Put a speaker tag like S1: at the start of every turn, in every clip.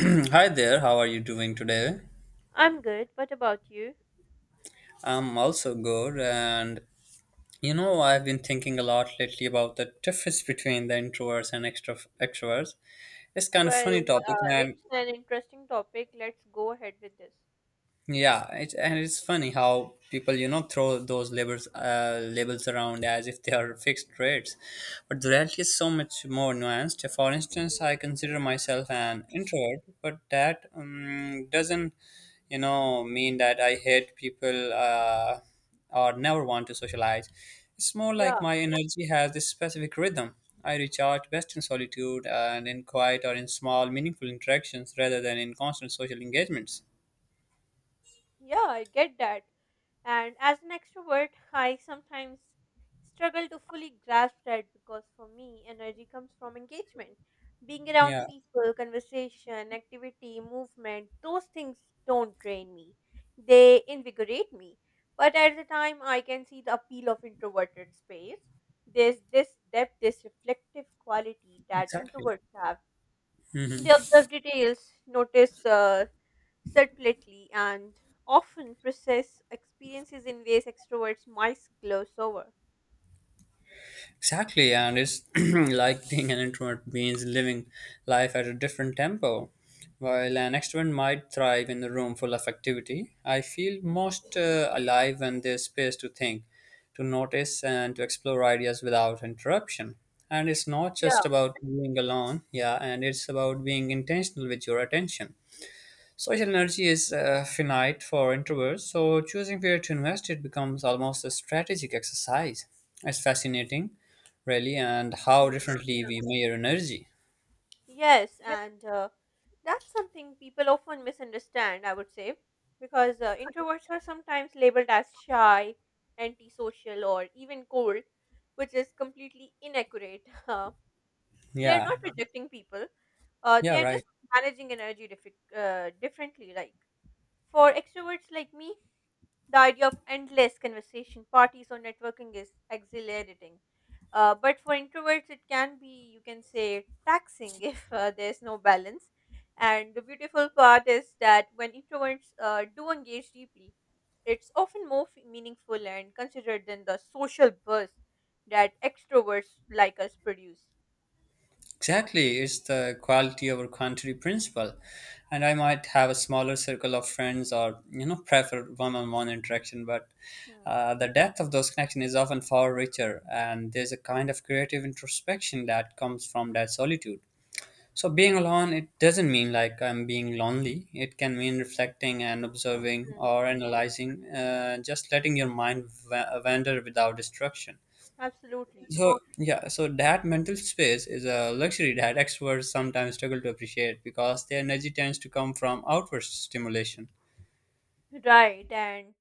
S1: Hi there, how are you doing today?
S2: I'm good. What about you?
S1: I'm also good, and you know, I've been thinking a lot lately about the difference between the introverts and extra extroverts. It's kind of
S2: Well,
S1: funny topic,
S2: uh,
S1: and
S2: it's an interesting topic. Let's go ahead with this.
S1: yeah, it's, and it's funny how people, you know, throw those labels labels around as if they are fixed rates, but the reality is so much more nuanced. For instance, I
S2: Mhm.
S1: consider myself an introvert, but that doesn't, you know, mean that I hate people or never want to socialize. It's more like
S2: Yeah,
S1: my energy has this specific rhythm. I recharge best in solitude and in quiet or in small, meaningful interactions rather than in constant social engagements.
S2: Yeah, I get that. And as an extrovert, I sometimes struggle to fully grasp that because for me, energy comes from engagement. Being around
S1: Yeah.
S2: people, conversation, activity, movement, those things don't drain me. They invigorate me. But at the time, I can see the appeal of introverted space. There's this depth, this reflective quality that
S1: Exactly.
S2: introverts have.
S1: hmm
S2: They observe details, notice subtly and often process experiences in ways extroverts might gloss over.
S1: Exactly, and it's like being an introvert means living life at a different tempo. While an extrovert might thrive in a room full of activity, I feel
S2: Mhm.
S1: most alive when there's space to think, to notice, and to explore ideas without interruption. And it's not
S2: Yeah.
S1: just about being alone, yeah, and it's about being intentional with your attention. Social energy is finite for introverts, so choosing where to invest it becomes almost a strategic exercise. It's fascinating, really, and how
S2: Hmm.
S1: differently we measure energy.
S2: Yes, and that's something people often misunderstand, I would say, because introverts are sometimes labeled as shy, antisocial, or even cold, which is completely inaccurate. Uh, they are
S1: Yeah,
S2: not rejecting people,
S1: yeah,
S2: they are just
S1: right.
S2: managing energy differently. Like for extroverts like me, the idea of endless conversation, parties, or networking is exhilarating. But for introverts, it can be, you can say, taxing if there's no balance. And the beautiful part is that when introverts do engage deeply, it's often meaningful and considered than the social burst that extroverts like us produce.
S1: Exactly. It's the quality over quantity principle. And I might have a smaller circle of friends or, you know, prefer one on one interaction, but
S2: Hmm.
S1: the depth of those connections is often far richer. And there's a kind of creative introspection that comes from that solitude. So being alone, it doesn't mean like I'm being lonely. It can mean reflecting and observing
S2: Hmm.
S1: or analyzing, just letting your mind wander without distraction.
S2: Absolutely.
S1: So yeah, so that mental space is a luxury that extroverts sometimes struggle to appreciate because their energy tends to come from outward stimulation.
S2: Right. And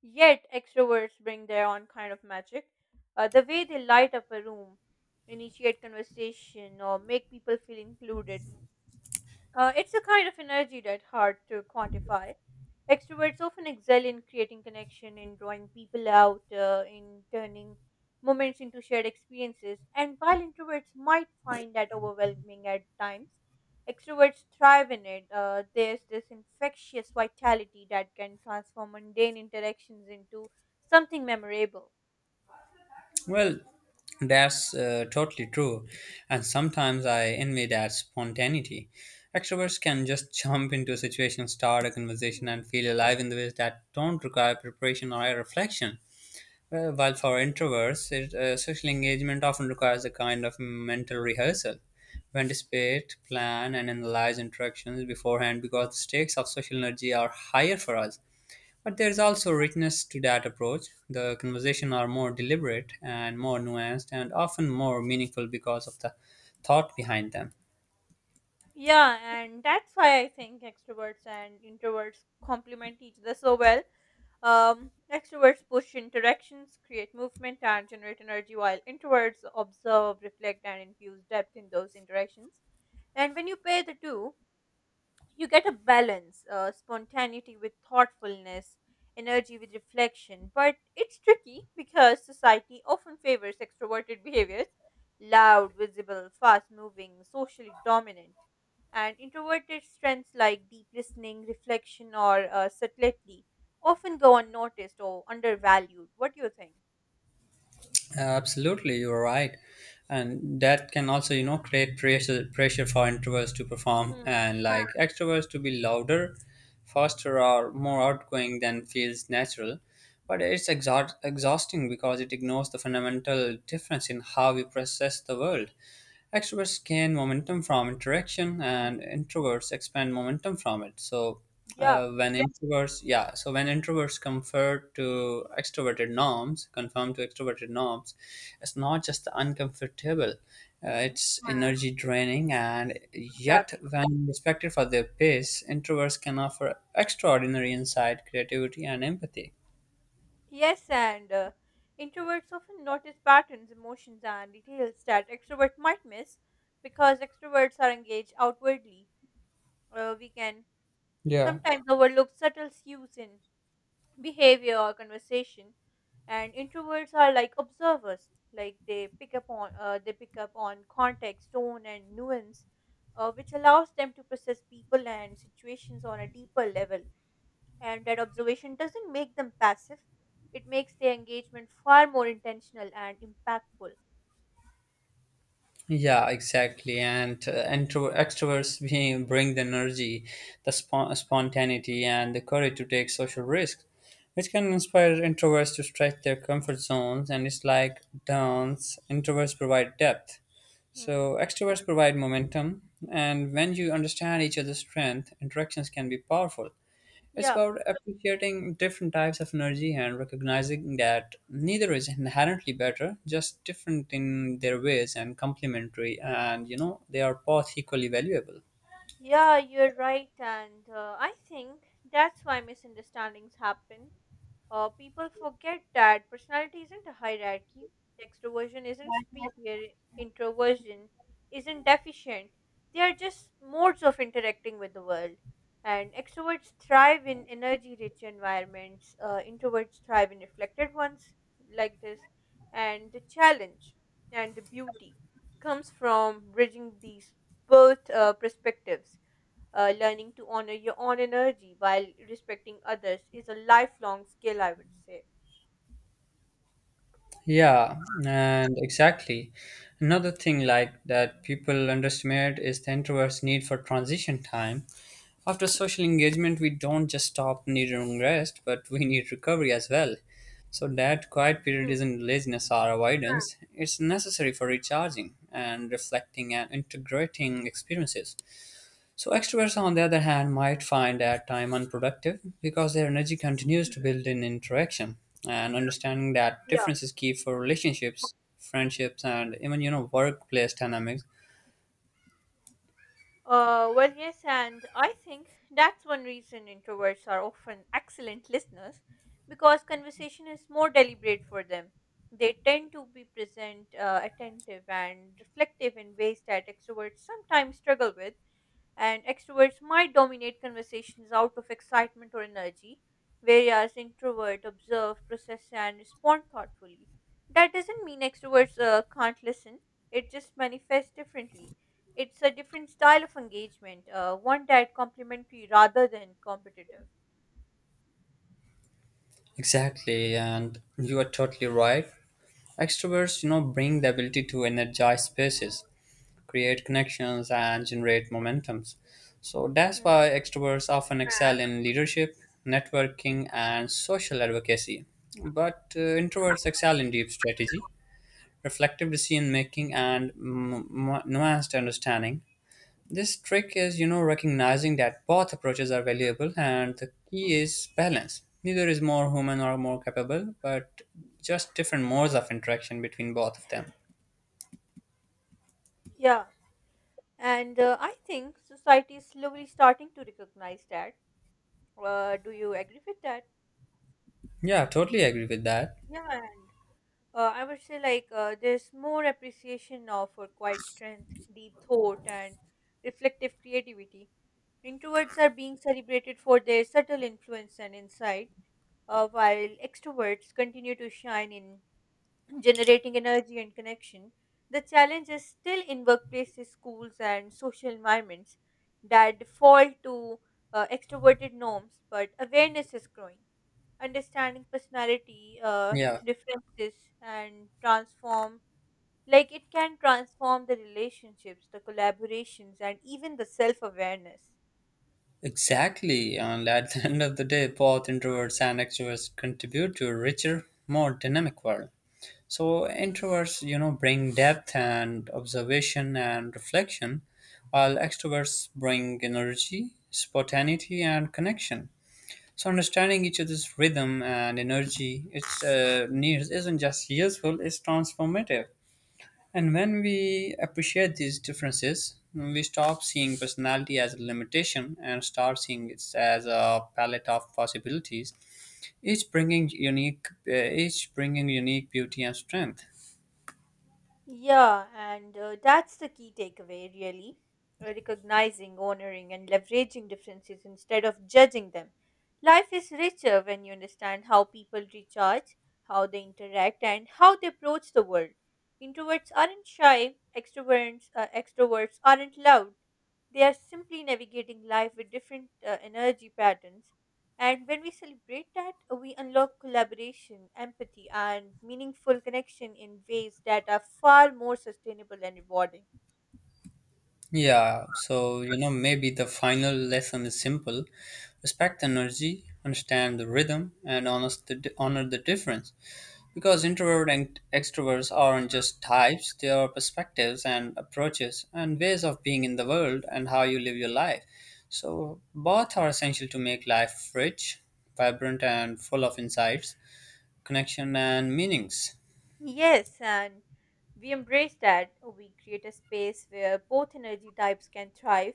S2: yet, extroverts bring their own kind of magic. The way they light up a room, initiate conversation, or make people feel included it's a kind of energy that's hard to quantify. Extroverts often excel in creating connection, in drawing people out, in turning moments into shared experiences. And while introverts might find that overwhelming at times, extroverts thrive in it. There's this infectious vitality that can transform mundane interactions into something memorable.
S1: Well, that's totally true. And sometimes I envy that spontaneity. Extroverts can just jump into a situation, start a conversation,
S2: Mm.
S1: and feel alive in the ways that don't require preparation or reflection. While for introverts, social engagement often requires a kind of mental rehearsal. We anticipate, plan, and analyze interactions beforehand because the stakes of social energy are higher for us. But there is also richness to that approach. The conversations are more deliberate and more nuanced and often more meaningful because of the thought behind them.
S2: Yeah, and that's why I think extroverts and introverts complement each other so well. Extroverts push interactions, create movement, and generate energy, while introverts observe, reflect, and infuse depth in those interactions. And when you pair the two, you get a balance, spontaneity with thoughtfulness, energy with reflection, but it's tricky because society often favors extroverted behaviors, loud, visible, fast moving, socially dominant, and introverted strengths like deep listening, reflection, or subtlety often go unnoticed or undervalued. What do you think?
S1: Absolutely, you're right. And that can also, you know, create pressure, pressure for introverts to perform
S2: Hmm.
S1: and like extroverts to be louder, faster, or more outgoing than feels natural. But it's exhausting because it ignores the fundamental difference in how we process the world. Extroverts gain momentum from interaction,
S2: Hmm.
S1: and introverts expand momentum from it. So
S2: Yeah.
S1: yeah, so when introverts confer to extroverted norms, conform to extroverted norms, it's not just uncomfortable.
S2: Hmm.
S1: It's energy draining, and yet,
S2: Exactly.
S1: when respected for their pace, introverts can offer extraordinary insight, creativity, and empathy.
S2: Yes, and introverts often notice patterns, emotions, and details that extroverts might miss because extroverts are engaged outwardly. We can sometimes overlook subtle cues in behavior or conversation, and introverts are like observers, like they pick up on context, tone, and nuance, which allows them to process people and situations on a deeper level. And that observation doesn't make them passive, it makes their engagement far more intentional and impactful.
S1: Yeah, exactly. And extroverts bring the energy, the spontaneity, and the courage to take social risks, which can inspire introverts to stretch their comfort zones. And it's like dance, introverts provide depth.
S2: Hmm.
S1: So extroverts provide momentum. And when you understand each other's strength, interactions can be powerful. It's
S2: Yeah.
S1: about appreciating different types of energy and recognizing that neither is inherently better, just different in their ways and complementary, and you know, they are both equally valuable.
S2: Yeah, you're right, and I think that's why misunderstandings happen. People forget that personality isn't a hierarchy, extroversion isn't superior, introversion isn't deficient. They are just modes of interacting with the world. And extroverts thrive in energy rich environments, introverts thrive in reflected ones like this. And the challenge and the beauty comes from bridging these both perspectives. Learning to honor your own energy while respecting others is a lifelong skill, I would say.
S1: Yeah, and exactly. Another thing like that people underestimate is the introvert's need for transition time. After social engagement, we don't just stop needing rest, but we need recovery as well. So that quiet period
S2: Mm.
S1: isn't laziness or avoidance. It's necessary for recharging and reflecting and integrating experiences. So extroverts, on the other hand, might find that time unproductive because their energy continues
S2: Mm.
S1: to build in interaction and understanding that
S2: Yeah.
S1: difference is key for relationships, friendships, and even you know workplace dynamics.
S2: Well, yes, and I think that's one reason introverts are often excellent listeners because conversation is more deliberate for them. They tend to be present, attentive, and reflective in ways that extroverts sometimes struggle with, and extroverts might dominate conversations out of excitement or energy, whereas introverts observe, process, and respond thoughtfully. That doesn't mean extroverts can't listen, it just manifests differently. It's a different style of engagement, one that complementary rather than competitive.
S1: Exactly, and you are totally right. Extroverts, you know, bring the ability to energize spaces, create connections, and generate momentums. So that's
S2: Hmm.
S1: why extroverts often excel in leadership, networking, and social advocacy. But introverts excel in deep strategy, reflective decision making, and nuanced understanding. This trick is, you know, recognizing that both approaches are valuable and the key is balance. Neither is more human or more capable, but just different modes of interaction between both of them.
S2: Yeah, and I think society is slowly starting to recognize that. Do you agree with that?
S1: Yeah, totally agree with that.
S2: Yeah, and I would say like there's more appreciation now for quiet strength, deep thought, and reflective creativity. Introverts are being celebrated for their subtle influence and insight, while extroverts continue to shine in generating energy and connection. The challenge is still in workplaces, schools, and social environments that default to extroverted norms, but awareness is growing, understanding personality
S1: Yeah,
S2: differences and transform, like it can transform the relationships, the collaborations, and even the self awareness.
S1: exactly. And at the end of the day, both introverts and extroverts contribute to a richer, more dynamic world. So introverts, you know, bring depth and observation and reflection, while extroverts bring energy, spontaneity, and connection. So understanding each other's rhythm and energy, its needs isn't just useful; it's transformative. And when we appreciate these differences, we stop seeing personality as a limitation and start seeing it as a palette of possibilities. Each bringing unique, uh, each bringing unique beauty and strength.
S2: Yeah, and that's the key takeaway, really. Recognizing, honoring, and leveraging differences instead of judging them. Life is richer when you understand how people recharge, how they interact, and how they approach the world. Introverts aren't shy, extroverts aren't loud. They are simply navigating life with different energy patterns, and when we celebrate that, we unlock collaboration, empathy, and meaningful connection in ways that are far more sustainable and rewarding.
S1: Yeah, so you know, maybe the final lesson is simple. Respect energy, understand the rhythm, and honor the difference. Because introvert and extroverts aren't just types, they are perspectives and approaches and ways of being in the world and how you live your life. So, both are essential to make life rich, vibrant, and full of insights, connection, and meanings.
S2: Yes, and we embrace that. We create a space where both energy types can thrive,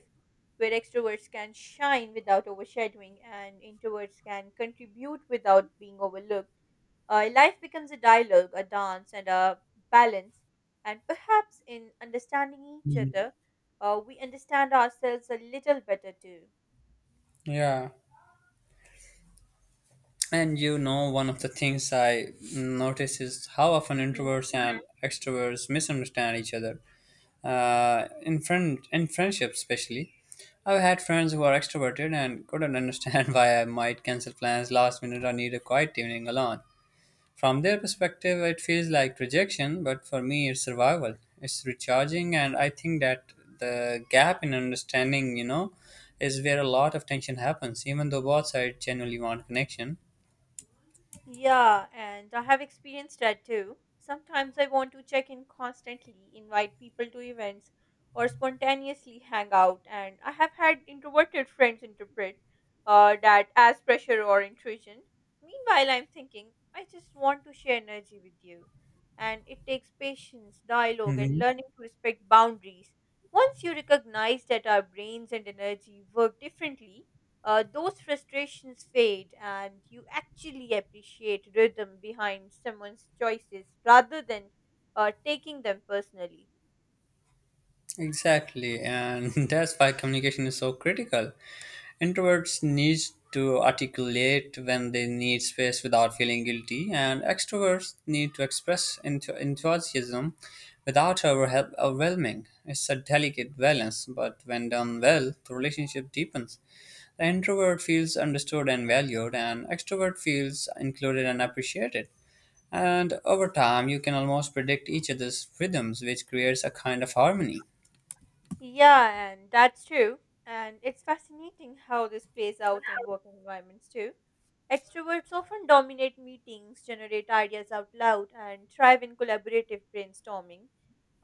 S2: where extroverts can shine without overshadowing, and introverts can contribute without being overlooked. Life becomes a dialogue, a dance, and a balance. And perhaps in understanding each
S1: Mhm.
S2: other, we understand ourselves a little better too.
S1: Yeah. And you know, one of the things I notice is how often introverts and extroverts misunderstand each other. In friendships especially, I've had friends who are extroverted and couldn't understand why I might cancel plans last minute or need a quiet evening alone. From their perspective, it feels like rejection, but for me, it's survival. It's recharging, and I think that the gap in understanding, you know, is where a lot of tension happens, even though both sides genuinely want connection.
S2: Yeah, and I have experienced that too. Sometimes I want to check in constantly, invite people to events, or spontaneously hang out, and I have had introverted friends interpret that as pressure or intrusion. Meanwhile, I'm thinking, I just want to share energy with you. And it takes patience, dialogue, and
S1: Mhm.
S2: learning to respect boundaries. Once you recognize that our brains and energy work differently, those frustrations fade and you actually appreciate rhythm behind someone's choices rather than taking them personally.
S1: Exactly, and that's why communication is so critical. Introverts need to articulate when they need space without feeling guilty, and extroverts need to express enthusiasm without overwhelming. It's a delicate balance, but when done well, the relationship deepens. The introvert feels understood and valued, and extrovert feels included and appreciated. And over time, you can almost predict each other's rhythms, which creates a kind of harmony.
S2: Yeah, and that's true. And it's fascinating how this plays out in work environments too. Extroverts often dominate meetings, generate ideas out loud, and thrive in collaborative brainstorming.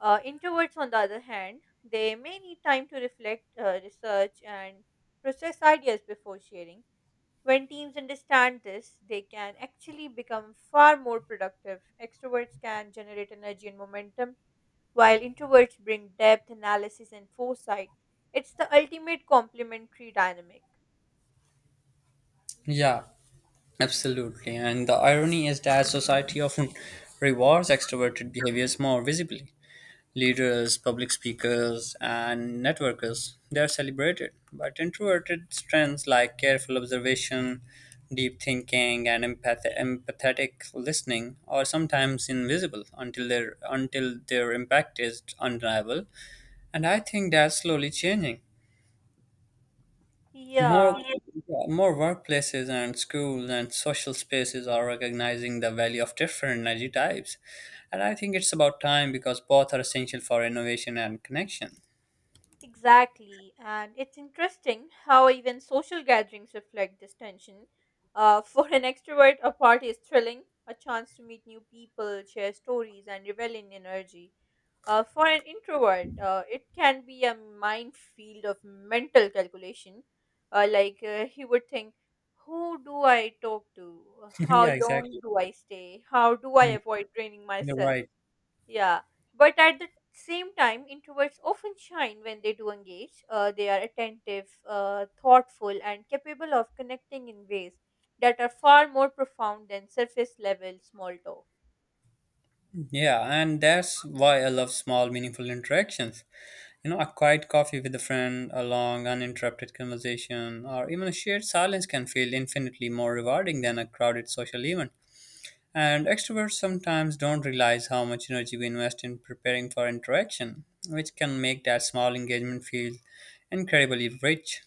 S2: Introverts, on the other hand, they may need time to reflect, research, and process ideas before sharing. When teams understand this, they can actually become far more productive. Extroverts can generate energy and momentum, while introverts bring depth, analysis, and foresight. It's the ultimate complementary dynamic.
S1: Yeah, absolutely. And the irony is that
S2: True.
S1: society often rewards extroverted behaviors more visibly. Leaders, public speakers, and networkers, they are celebrated. But introverted strengths like careful observation, deep thinking, and empathetic listening are sometimes invisible until their impact is undeniable. And I think that's slowly changing. More,
S2: Yeah,
S1: more workplaces and schools and social spaces are recognizing the value of different energy types. And I think it's about time because both are essential for innovation and connection.
S2: exactly. And it's interesting how even social gatherings reflect this tension. For an extrovert, a party is thrilling, a chance to meet new people, share stories, and revel in energy. For an introvert, it can be a minefield of mental calculation. Like he would think, who do I talk to? How
S1: Yeah,
S2: long
S1: exactly.
S2: do I stay? How do I
S1: Mm,
S2: avoid draining
S1: you're
S2: myself?
S1: right.
S2: Yeah. But at the same time, introverts often shine when they do engage. They are attentive, thoughtful, and capable of connecting in ways that are far more profound than surface level small talk.
S1: Yeah, and that's why I love small, meaningful interactions. You know, a quiet coffee with a friend, a long, uninterrupted conversation, or even a shared silence can feel infinitely more rewarding than a crowded social event. And extroverts sometimes don't realize how much energy we invest in preparing for interaction, which can make that small engagement feel incredibly rich.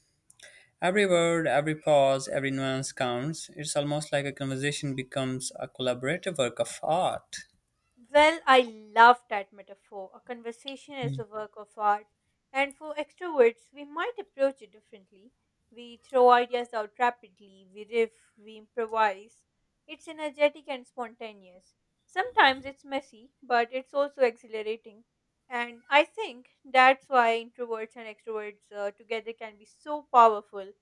S1: Every word, every pause, every nuance counts. It's almost like a conversation becomes a collaborative work of art.
S2: Well, I love that metaphor. A conversation is a work of art. And for extroverts, we might approach it differently. We throw ideas out rapidly, we riff, we improvise. It's energetic and spontaneous. Sometimes it's messy, but it's also exhilarating. And I think that's why introverts and extroverts together can be so powerful.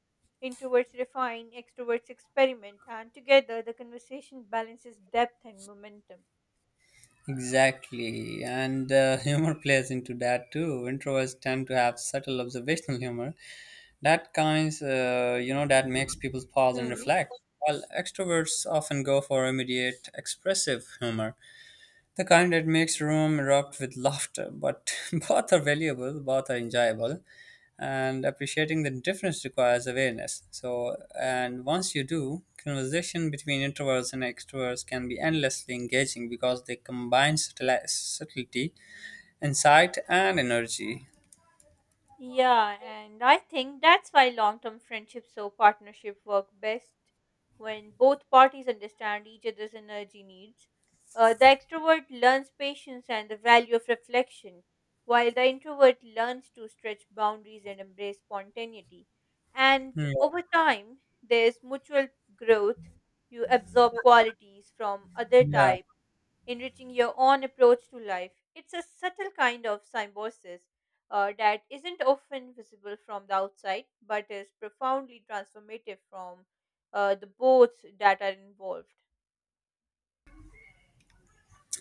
S2: Introverts refine, extroverts experiment, and together the conversation balances depth and momentum.
S1: Exactly, and humor plays into that too. Introverts tend to have subtle observational humor that you know, that makes people pause and reflect, while extroverts often go for immediate expressive humor, the kind that makes room erupt with laughter, but both are valuable, both are enjoyable, and appreciating the difference requires awareness. So, and once you do, conversation between introverts and extroverts can be endlessly engaging because they combine subtlety, insight, and energy.
S2: Yeah, and I think that's why long term friendships or partnership work best when both parties understand each other's energy needs. The extrovert learns patience and the value of reflection, while the introvert learns to stretch boundaries and embrace spontaneity. And
S1: Hmm,
S2: over time, there's mutual growth. You absorb qualities from other
S1: yeah,
S2: types, enriching your own approach to life. It's a subtle kind of symbiosis that isn't often visible from the outside, but is profoundly transformative from the boats that are involved.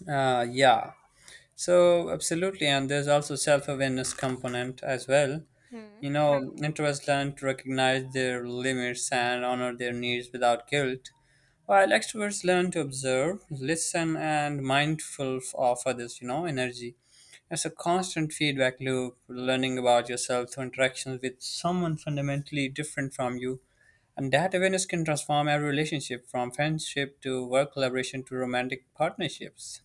S1: yeah. So absolutely, and there's also self-awareness component as well. You know, introverts learn to recognize their limits and honor their needs without guilt, while extroverts learn to observe, listen, and mindful of others, you know, energy. It's a constant feedback loop, learning about yourself through interactions with someone fundamentally different from you. And that awareness can transform every relationship from friendship to work collaboration to romantic partnerships.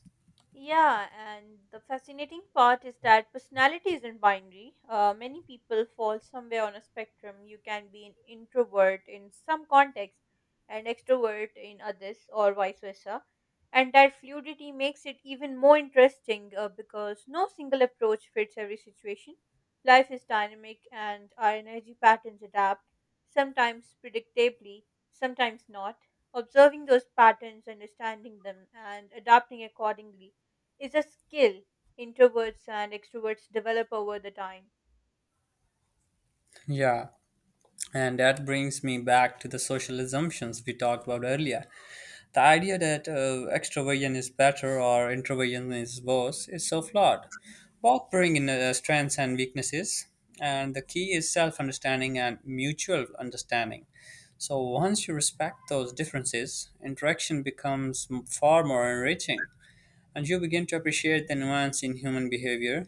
S2: Yeah, and the fascinating part is that personality isn't binary. Many people fall somewhere on a spectrum. You can be an introvert in some contexts and extrovert in others, or vice versa. And that fluidity makes it even more interesting because no single approach fits every situation. Life is dynamic and our energy patterns adapt, sometimes predictably, sometimes not. Observing those patterns, understanding them, and adapting accordingly is a skill introverts and extroverts develop over the time.
S1: Yeah, and that brings me back to the social assumptions we talked about earlier. The idea that extroversion is better or introversion is worse is so flawed. Both bring in strengths and weaknesses, and the key is self understanding and mutual understanding. So, once you respect those differences, interaction becomes far more enriching, and you begin to appreciate the nuance in human behavior,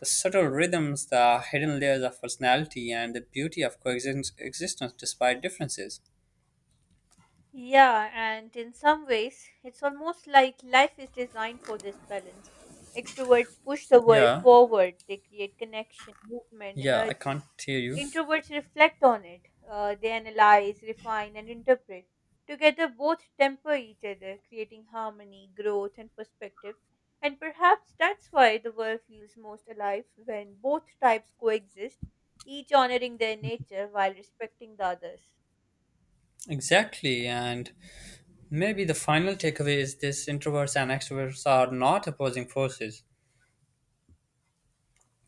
S1: the subtle rhythms, the hidden layers of personality, and the beauty of coexistence existence despite differences.
S2: Yeah, and in some ways, it's almost like life is designed for this balance. Extroverts push the world
S1: Yeah,
S2: forward, they create connection, movement,
S1: yeah, I
S2: energy.
S1: can't hear you.
S2: Introverts reflect on it, they analyze, refine, and interpret. Together, both temper each other, creating harmony, growth, and perspective. And perhaps that's why the world feels most alive when both types coexist, each honoring their nature while respecting the others.
S1: Exactly, and maybe the final takeaway is this introverts and extroverts are not opposing forces.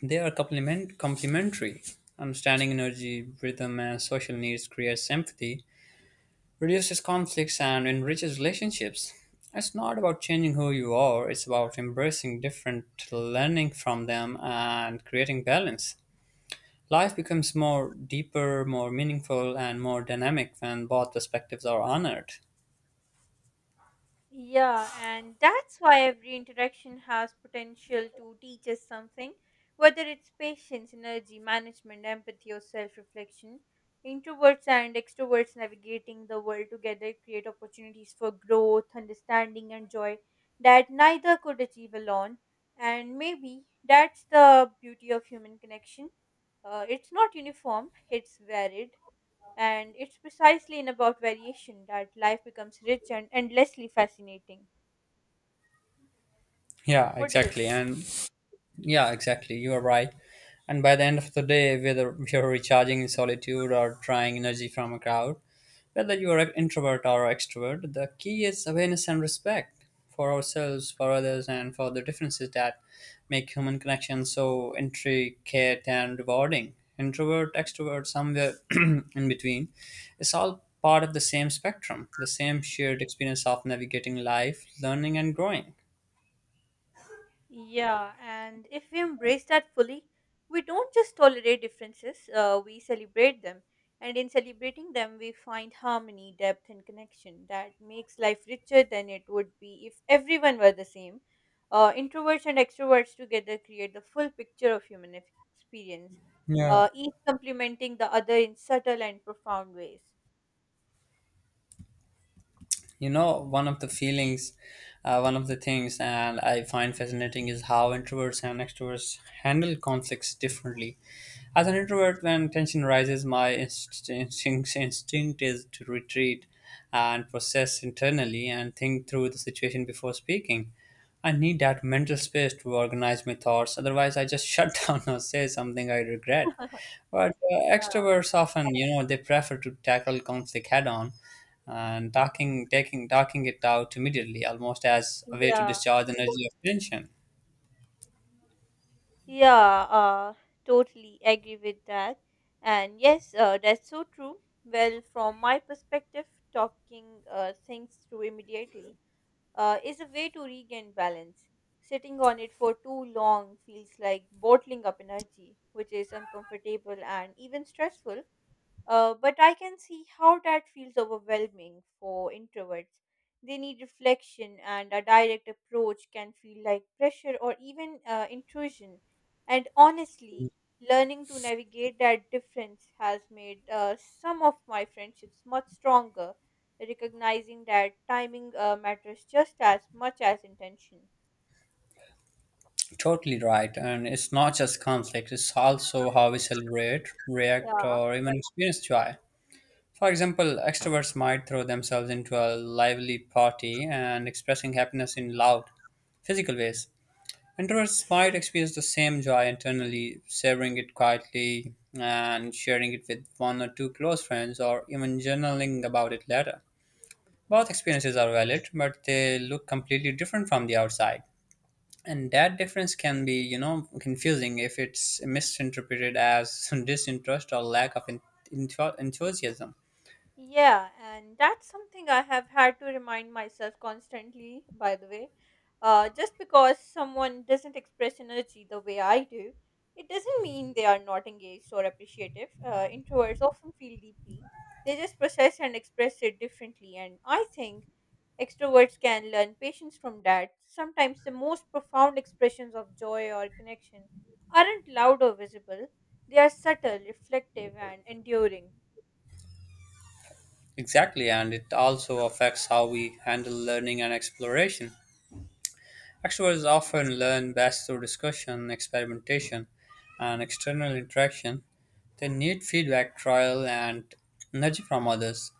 S1: They are complementary. Understanding energy, rhythm, and social needs creates empathy, reduces conflicts, and enriches relationships. It's not about changing who you are, it's about embracing different, learning from them, and creating balance. Life becomes more deeper, more meaningful, and more dynamic when both perspectives are honored.
S2: Yeah, and that's why every interaction has potential to teach us something, whether it's patience, energy, management, empathy, or self reflection. Introverts and extroverts navigating the world together create opportunities for growth, understanding, and joy that neither could achieve alone. And maybe that's the beauty of human connection. It's not uniform, it's varied. And it's precisely in about variation that life becomes rich and endlessly fascinating.
S1: Yeah,
S2: What do you
S1: exactly.
S2: think?
S1: And yeah, exactly. You are right. And by the end of the day, whether you're recharging in solitude or trying energy from a crowd, whether you are an introvert or extrovert, the key is awareness and respect for ourselves, for others, and for the differences that make human connections so intricate and rewarding. Introvert, extrovert, somewhere in between. It's all part of the same spectrum, the same shared experience of navigating life, learning, and growing.
S2: Yeah, and if we embrace that fully, we don't just tolerate differences, we celebrate them. And in celebrating them, we find harmony, depth, and connection that makes life richer than it would be if everyone were the same. Introverts and extroverts together create the full picture of human experience,
S1: Yeah.
S2: each complementing the other in subtle and profound ways.
S1: You know, one of the feelings, one of the things, and I find fascinating is how introverts and extroverts handle conflicts differently. As an introvert, when tension rises, my instinct is to retreat and process internally and think through the situation before speaking. I need that mental space to organize my thoughts. Otherwise, I just shut down or say something I regret. But extroverts often, you know, they prefer to tackle conflict head on and talking it out immediately, almost as a way to
S2: Yeah,
S1: discharge energy of tension.
S2: yeah, totally agree with that. And yes, that's so true. Well, from my perspective, talking things through immediately is a way to regain balance. Sitting on it for too long feels like bottling up energy, which is uncomfortable and even stressful. But I can see how that feels overwhelming for introverts. They need reflection, and a direct approach can feel like pressure or even intrusion. And honestly, learning to navigate that difference has made some of my friendships much stronger, recognizing that timing matters just as much as intention.
S1: Totally right. And it's not just conflict, it's also how we celebrate, react,
S2: Yeah.
S1: or even experience joy. For example, extroverts might throw themselves into a lively party and expressing happiness in loud, physical ways. Introverts might experience the same joy internally, savoring it quietly and sharing it with one or two close friends, or even journaling about it later. Both experiences are valid, but they look completely different from the outside. And that difference can be, you know, confusing if it's misinterpreted as disinterest or lack of enthusiasm.
S2: Yeah, and that's something I have had to remind myself constantly, by the way. Just because someone doesn't express energy the way I do, it doesn't mean they are not engaged or appreciative. Introverts often feel deeply, they just process and express it differently. And I think extroverts can learn patience from that. Sometimes the most profound expressions of joy or connection aren't loud or visible, they are subtle, reflective, and enduring.
S1: Exactly, and it also affects how we handle learning and exploration. Extroverts often learn best through discussion, experimentation, and external interaction. They need feedback, trial, and nudge from others.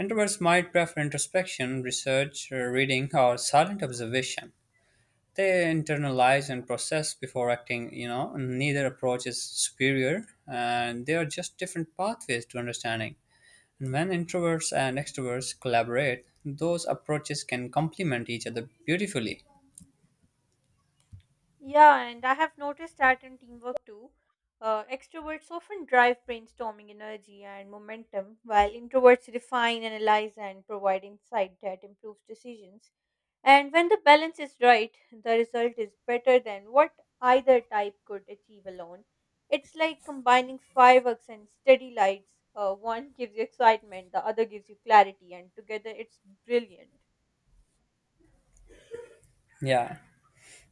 S1: Introverts might prefer introspection, research, reading, or silent observation. They internalize and process before acting. You know, neither approach is superior, and they are just different pathways to understanding. And when introverts and extroverts collaborate, those approaches can complement each other beautifully.
S2: Yeah, and I have noticed that in teamwork too. Extroverts often drive brainstorming energy and momentum, while introverts refine, analyze, and provide insight that improves decisions. And when the balance is right, the result is better than what either type could achieve alone. It's like combining fireworks and steady lights. One gives you excitement, the other gives you clarity, and together it's brilliant.
S1: Yeah,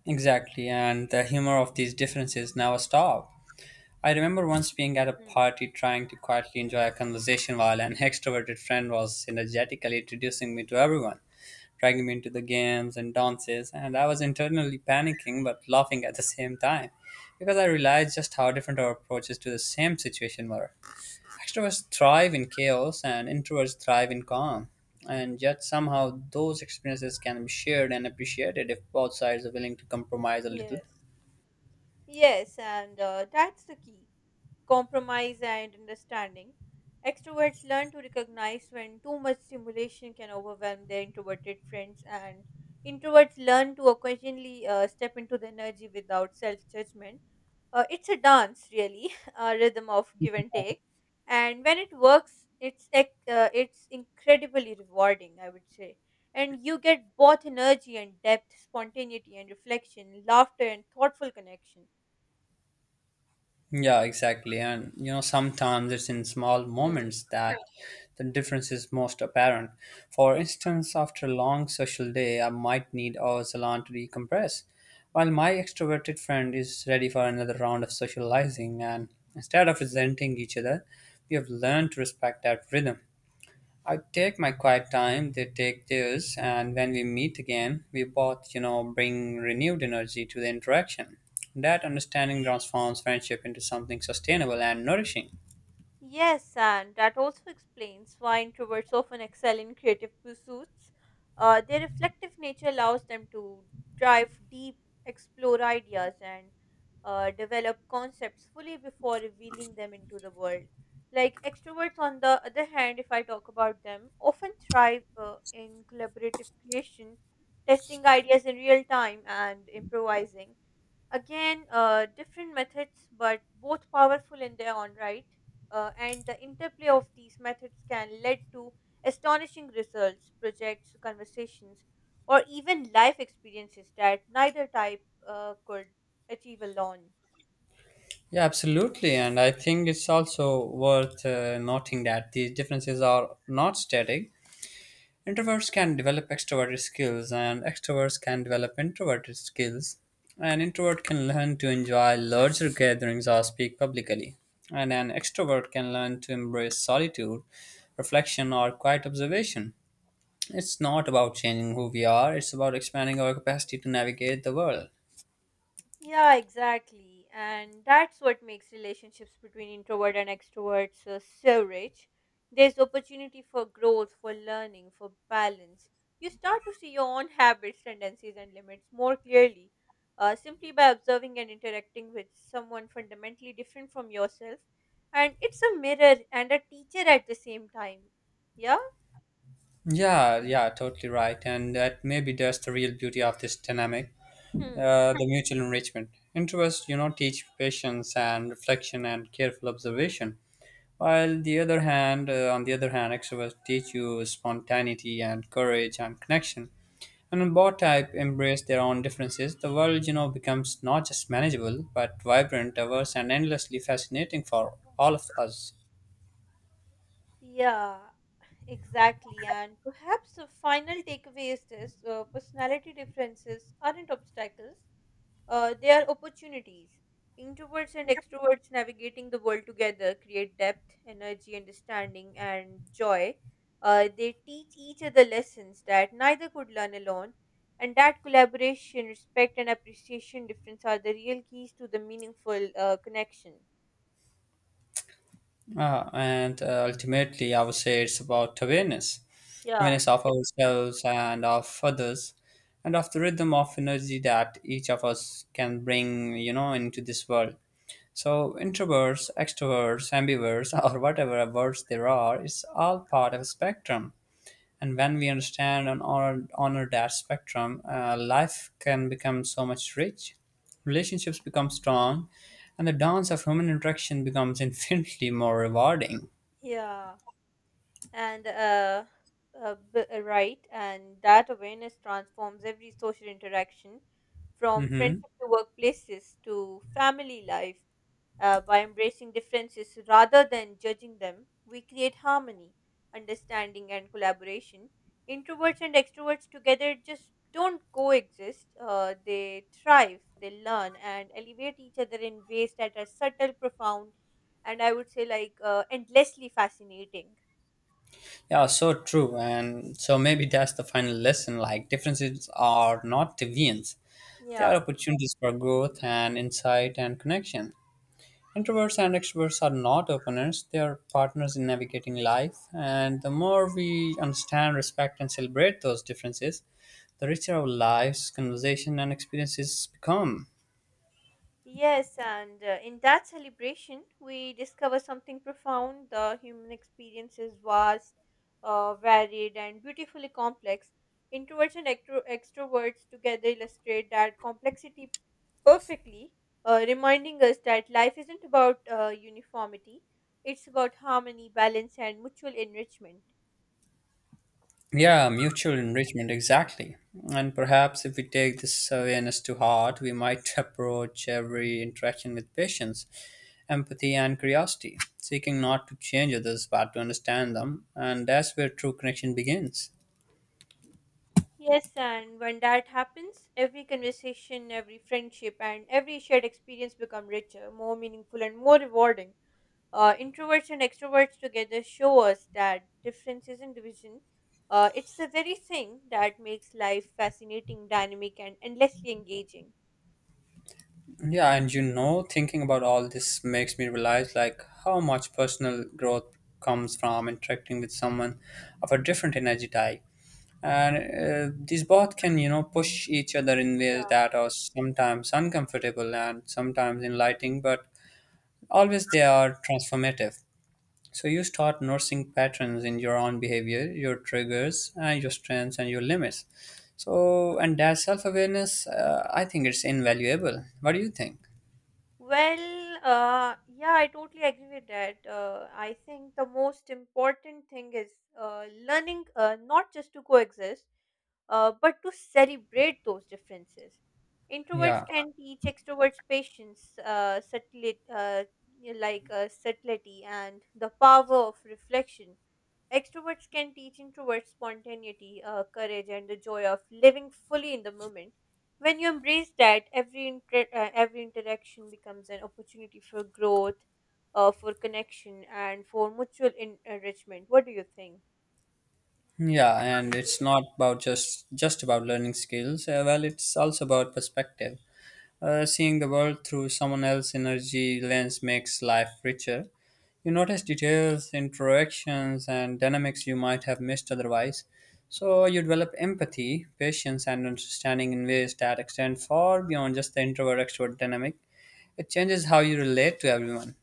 S1: exactly, and the humor of these differences never stop. I remember once being at a
S2: Hmm.
S1: party trying to quietly enjoy a conversation while an extroverted friend was energetically introducing me to everyone, dragging me into the games and dances, and I was internally panicking but laughing at the same time because I realized just how different our approaches to the same situation were. Extroverts thrive in chaos and introverts thrive in calm, and yet somehow those experiences can be shared and appreciated if both sides are willing to compromise a little.
S2: Yes. Yes, and that's the key. Compromise and understanding. Extroverts learn to recognize when too much stimulation can overwhelm their introverted friends, and introverts learn to occasionally step into the energy without self judgment. It's a dance, really, a rhythm of give and take. And when it works, it's it's incredibly rewarding, I would say. And you get both energy and depth, spontaneity and reflection, laughter and thoughtful connection.
S1: Yeah, exactly. And you know, sometimes it's in small
S2: Hmm.
S1: moments that the difference is most apparent. For instance, after a long social day, I might need a salon to decompress, while my extroverted friend is ready for another round of socializing. And instead of resenting each other, we have learned to respect that rhythm. I take my quiet time, they take theirs, and when we meet again, we both, you know, bring renewed energy to the interaction. That understanding transforms friendship into something sustainable and nourishing.
S2: Yes, and that also explains why introverts often excel in creative pursuits. Their reflective nature allows them to dive deep, explore ideas, and develop concepts fully before revealing them into the world. Like extroverts, on the other hand, if I talk about them, often thrive in collaborative creation, testing ideas in real time, and improvising. Again, different methods, but both powerful in their own right. And the interplay of these methods can lead to astonishing results, projects, conversations, or even life experiences that neither type could achieve alone.
S1: Yeah, absolutely. And I think it's also worth noting that these differences are not static. Introverts can develop extroverted skills, and extroverts can develop introverted skills. An introvert can learn to enjoy larger gatherings or speak publicly, and an extrovert can learn to embrace solitude, reflection, or quiet observation. It's not about changing who we are, it's about expanding our capacity to navigate the world.
S2: Yeah, exactly. And that's what makes relationships between introvert and extroverts so rich. There's opportunity for growth, for learning, for balance. You start to see your own habits, tendencies, and limits more clearly. Simply by observing and interacting with someone fundamentally different from yourself. And it's a mirror and a teacher at the same time. Yeah?
S1: Yeah, yeah, totally right. And that maybe that's the real beauty of this dynamic,
S2: Hmm.
S1: the mutual enrichment. Introverts, you know, teach patience and reflection and careful observation. While the other hand, on the other hand, extroverts teach you spontaneity and courage and connection. And when both type embrace their own differences, the world, you know, becomes not just manageable, but vibrant, diverse, and endlessly fascinating for all of us.
S2: Yeah, exactly, and perhaps the final takeaway is this: personality differences aren't obstacles, they are opportunities. Introverts and extroverts navigating the world together create depth, energy, understanding, and joy. They teach each other lessons that neither could learn alone, and that collaboration, respect, and appreciation difference are the real keys to the meaningful connection.
S1: Ah, and ultimately, I would say it's about awareness
S2: Yeah,
S1: awareness of ourselves and of others, and of the rhythm of energy that each of us can bring, you know, into this world. So introverts, extroverts, ambiverts, or whatever words there are, it's all part of a spectrum. And when we understand and honor that spectrum, life can become so much rich, relationships become strong, and the dance of human interaction becomes infinitely more rewarding.
S2: yeah. and uh, right, and that awareness transforms every social interaction from
S1: Mm-hmm.
S2: friendship to workplaces to family life, by embracing differences rather than judging them we create harmony, understanding and collaboration. Introverts and extroverts together just don't coexist, they thrive, they learn and elevate each other in ways that are subtle, profound, and I would say like endlessly fascinating.
S1: Yeah, so true. And so maybe that's the final lesson. Like, differences are not deviants; they are
S2: Yeah.
S1: opportunities for growth and insight and connection. Introverts and extroverts are not opponents, they are partners in navigating life. And the more we understand, respect, and celebrate those differences, the richer our lives, conversation, and experiences become.
S2: Yes, and in that celebration, we discover something profound. The human experience is vast, varied, and beautifully complex. Introverts and extroverts together illustrate that complexity perfectly, reminding us that life isn't about uniformity, it's about harmony, balance, and mutual enrichment.
S1: Yeah, mutual enrichment, exactly. And perhaps if we take this awareness to heart, we might approach every interaction with patience, empathy, and curiosity, seeking not to change others but to understand them. And that's where true connection begins.
S2: Yes, and when that happens, every conversation, every friendship, and every shared experience become richer, more meaningful, and more rewarding. Introverts and extroverts together show us that difference isn't division. It's the very thing that makes life fascinating, dynamic, and endlessly engaging.
S1: Yeah, and you know, thinking about all this makes me realize like how much personal growth comes from interacting with someone of a different energy type. And these both can, you know, push each other in ways
S2: Yeah.
S1: that are sometimes uncomfortable and sometimes enlightening, but always they are transformative. So you start noticing patterns in your own behavior, your triggers, and your strengths and your limits. So, and that self awareness, I think it's invaluable. What do you think?
S2: Well, yeah, I totally agree with that. I think the most important thing is learning not just to coexist, but to celebrate those differences. Introverts
S1: Yeah.
S2: can teach extroverts patience, subtly, like subtlety, and the power of reflection. Extroverts can teach introverts spontaneity, courage, and the joy of living fully in the moment. When you embrace that, every every interaction becomes an opportunity for growth, for connection, and for mutual enrichment. What do you think?
S1: Yeah, and it's not about just about learning skills. Well, it's also about perspective. Seeing the world through someone else's energy lens makes life richer. You notice details, interactions, and dynamics you might have missed otherwise. So you develop empathy, patience, and understanding in ways that extend far beyond just the introvert extrovert dynamic. It changes how you relate to everyone.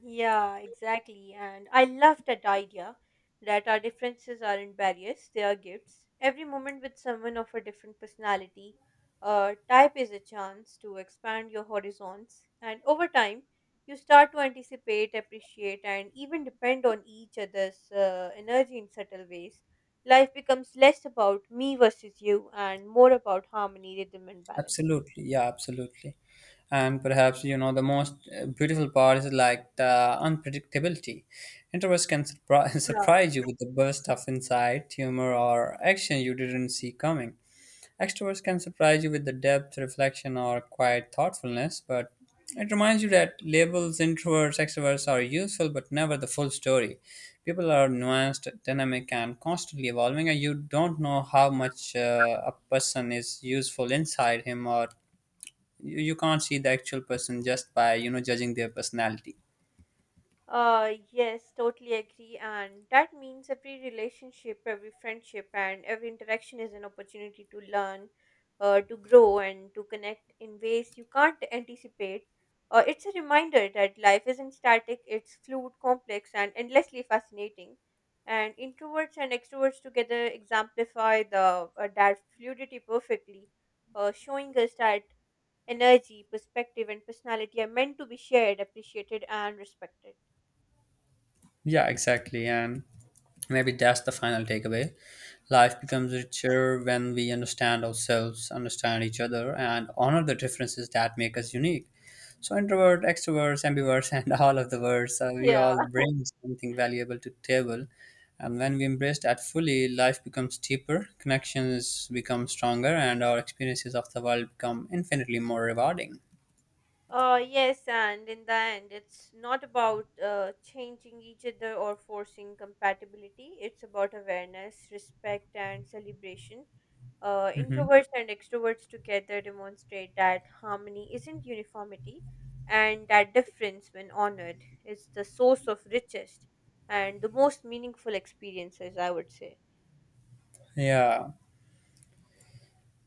S2: Yeah, exactly. And I love that idea that our differences aren't barriers, they are gifts. Every moment with someone of a different personality type is a chance to expand your horizons. And over time, you start to anticipate, appreciate, and even depend on each other's energy in subtle ways. Life becomes less about me versus you and more about harmony, rhythm, and balance.
S1: Absolutely, yeah, absolutely. And perhaps, you know, the most beautiful part is like the unpredictability. Introverts can surprise you with the burst of insight, humor, or action you didn't see coming. Extroverts can surprise you with the depth, reflection, or quiet thoughtfulness. But it reminds you that labels, introverts, extroverts, are useful but never the full story. People are nuanced, dynamic, and constantly evolving, and you don't know how much a person is useful inside him. Or you can't see the actual person just by, you know, judging their personality.
S2: Yes, totally agree. And that means every relationship, every friendship, and every interaction is an opportunity to learn, to grow, and to connect in ways you can't anticipate. It's a reminder that life isn't static, it's fluid, complex, and endlessly fascinating. And introverts and extroverts together exemplify the that fluidity perfectly, showing us that energy, perspective, and personality are meant to be shared, appreciated, and respected.
S1: Yeah, exactly. And maybe that's the final takeaway. Life becomes richer when we understand ourselves, understand each other, and honor the differences that make us unique. So introvert, extroverts, ambiverts, and all of the words, we
S2: Yeah.
S1: all bring something valuable to the table. And when we embrace that fully, life becomes deeper, connections become stronger, and our experiences of the world become infinitely more rewarding.
S2: Yes, and in the end, it's not about changing each other or forcing compatibility. It's about awareness, respect, and celebration.
S1: Hmm.
S2: Introverts and extroverts together demonstrate that harmony isn't uniformity, and that difference, when honored, is the source of richest and the most meaningful experiences, I would say.
S1: Yeah.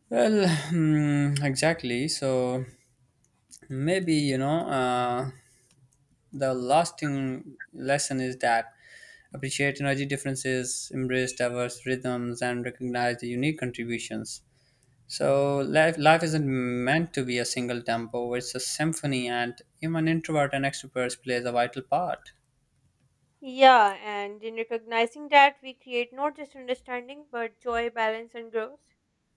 S1: Well, hmm, exactly. So maybe, you know, the lasting lesson is that appreciate energy differences, embrace diverse rhythms, and recognize the unique contributions. So life isn't meant to be a single tempo; it's a symphony, and even introvert and extroverts plays a vital part.
S2: Yeah, and in recognizing that, we create not just understanding but joy, balance, and growth.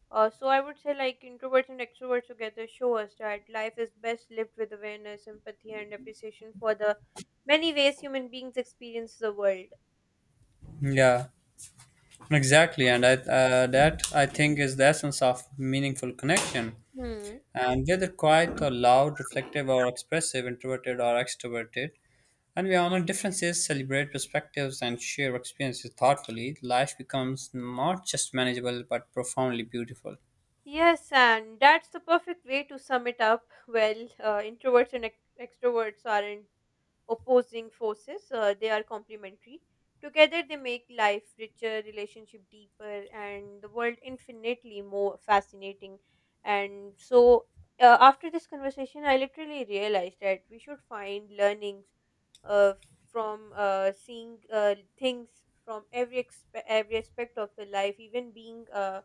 S2: So I would say like introverts and extroverts together show us that life is best lived with awareness, empathy, and appreciation for the many ways human beings experience the world.
S1: Yeah, exactly, and I, that I think is the essence of meaningful connection.
S2: Hmm.
S1: And whether quiet or loud, reflective or expressive, introverted or extroverted, and we honor differences, celebrate perspectives, and share experiences thoughtfully, life becomes not just manageable but profoundly beautiful.
S2: Yes, and that's the perfect way to sum it up. Well, introverts and extroverts aren't opposing forces, they are complementary. Together they make life richer, relationship deeper, and the world infinitely more fascinating. And so, after this conversation I literally realized that we should find learnings uh, from seeing things from every every aspect of the life, even being uh,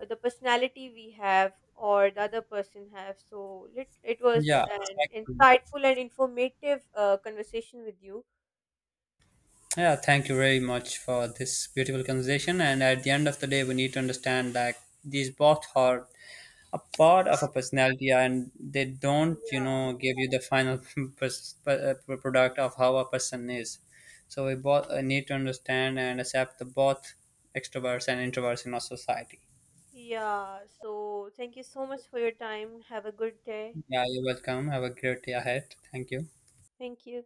S2: uh, the personality we have or the other person have. So it was
S1: Yeah,
S2: an
S1: exactly.
S2: insightful and informative conversation with you.
S1: Yeah, thank you very much for this beautiful conversation. And at the end of the day, we need to understand that these both are a part of a personality, and they don't, you
S2: Yeah,
S1: know, give you the final product of how a person is. So we both need to understand and accept the both extroverts and introverts in our society.
S2: yeah, so thank you so much for your time, have a good day.
S1: Yeah, you're welcome, have a great day ahead, thank you.
S2: Thank you.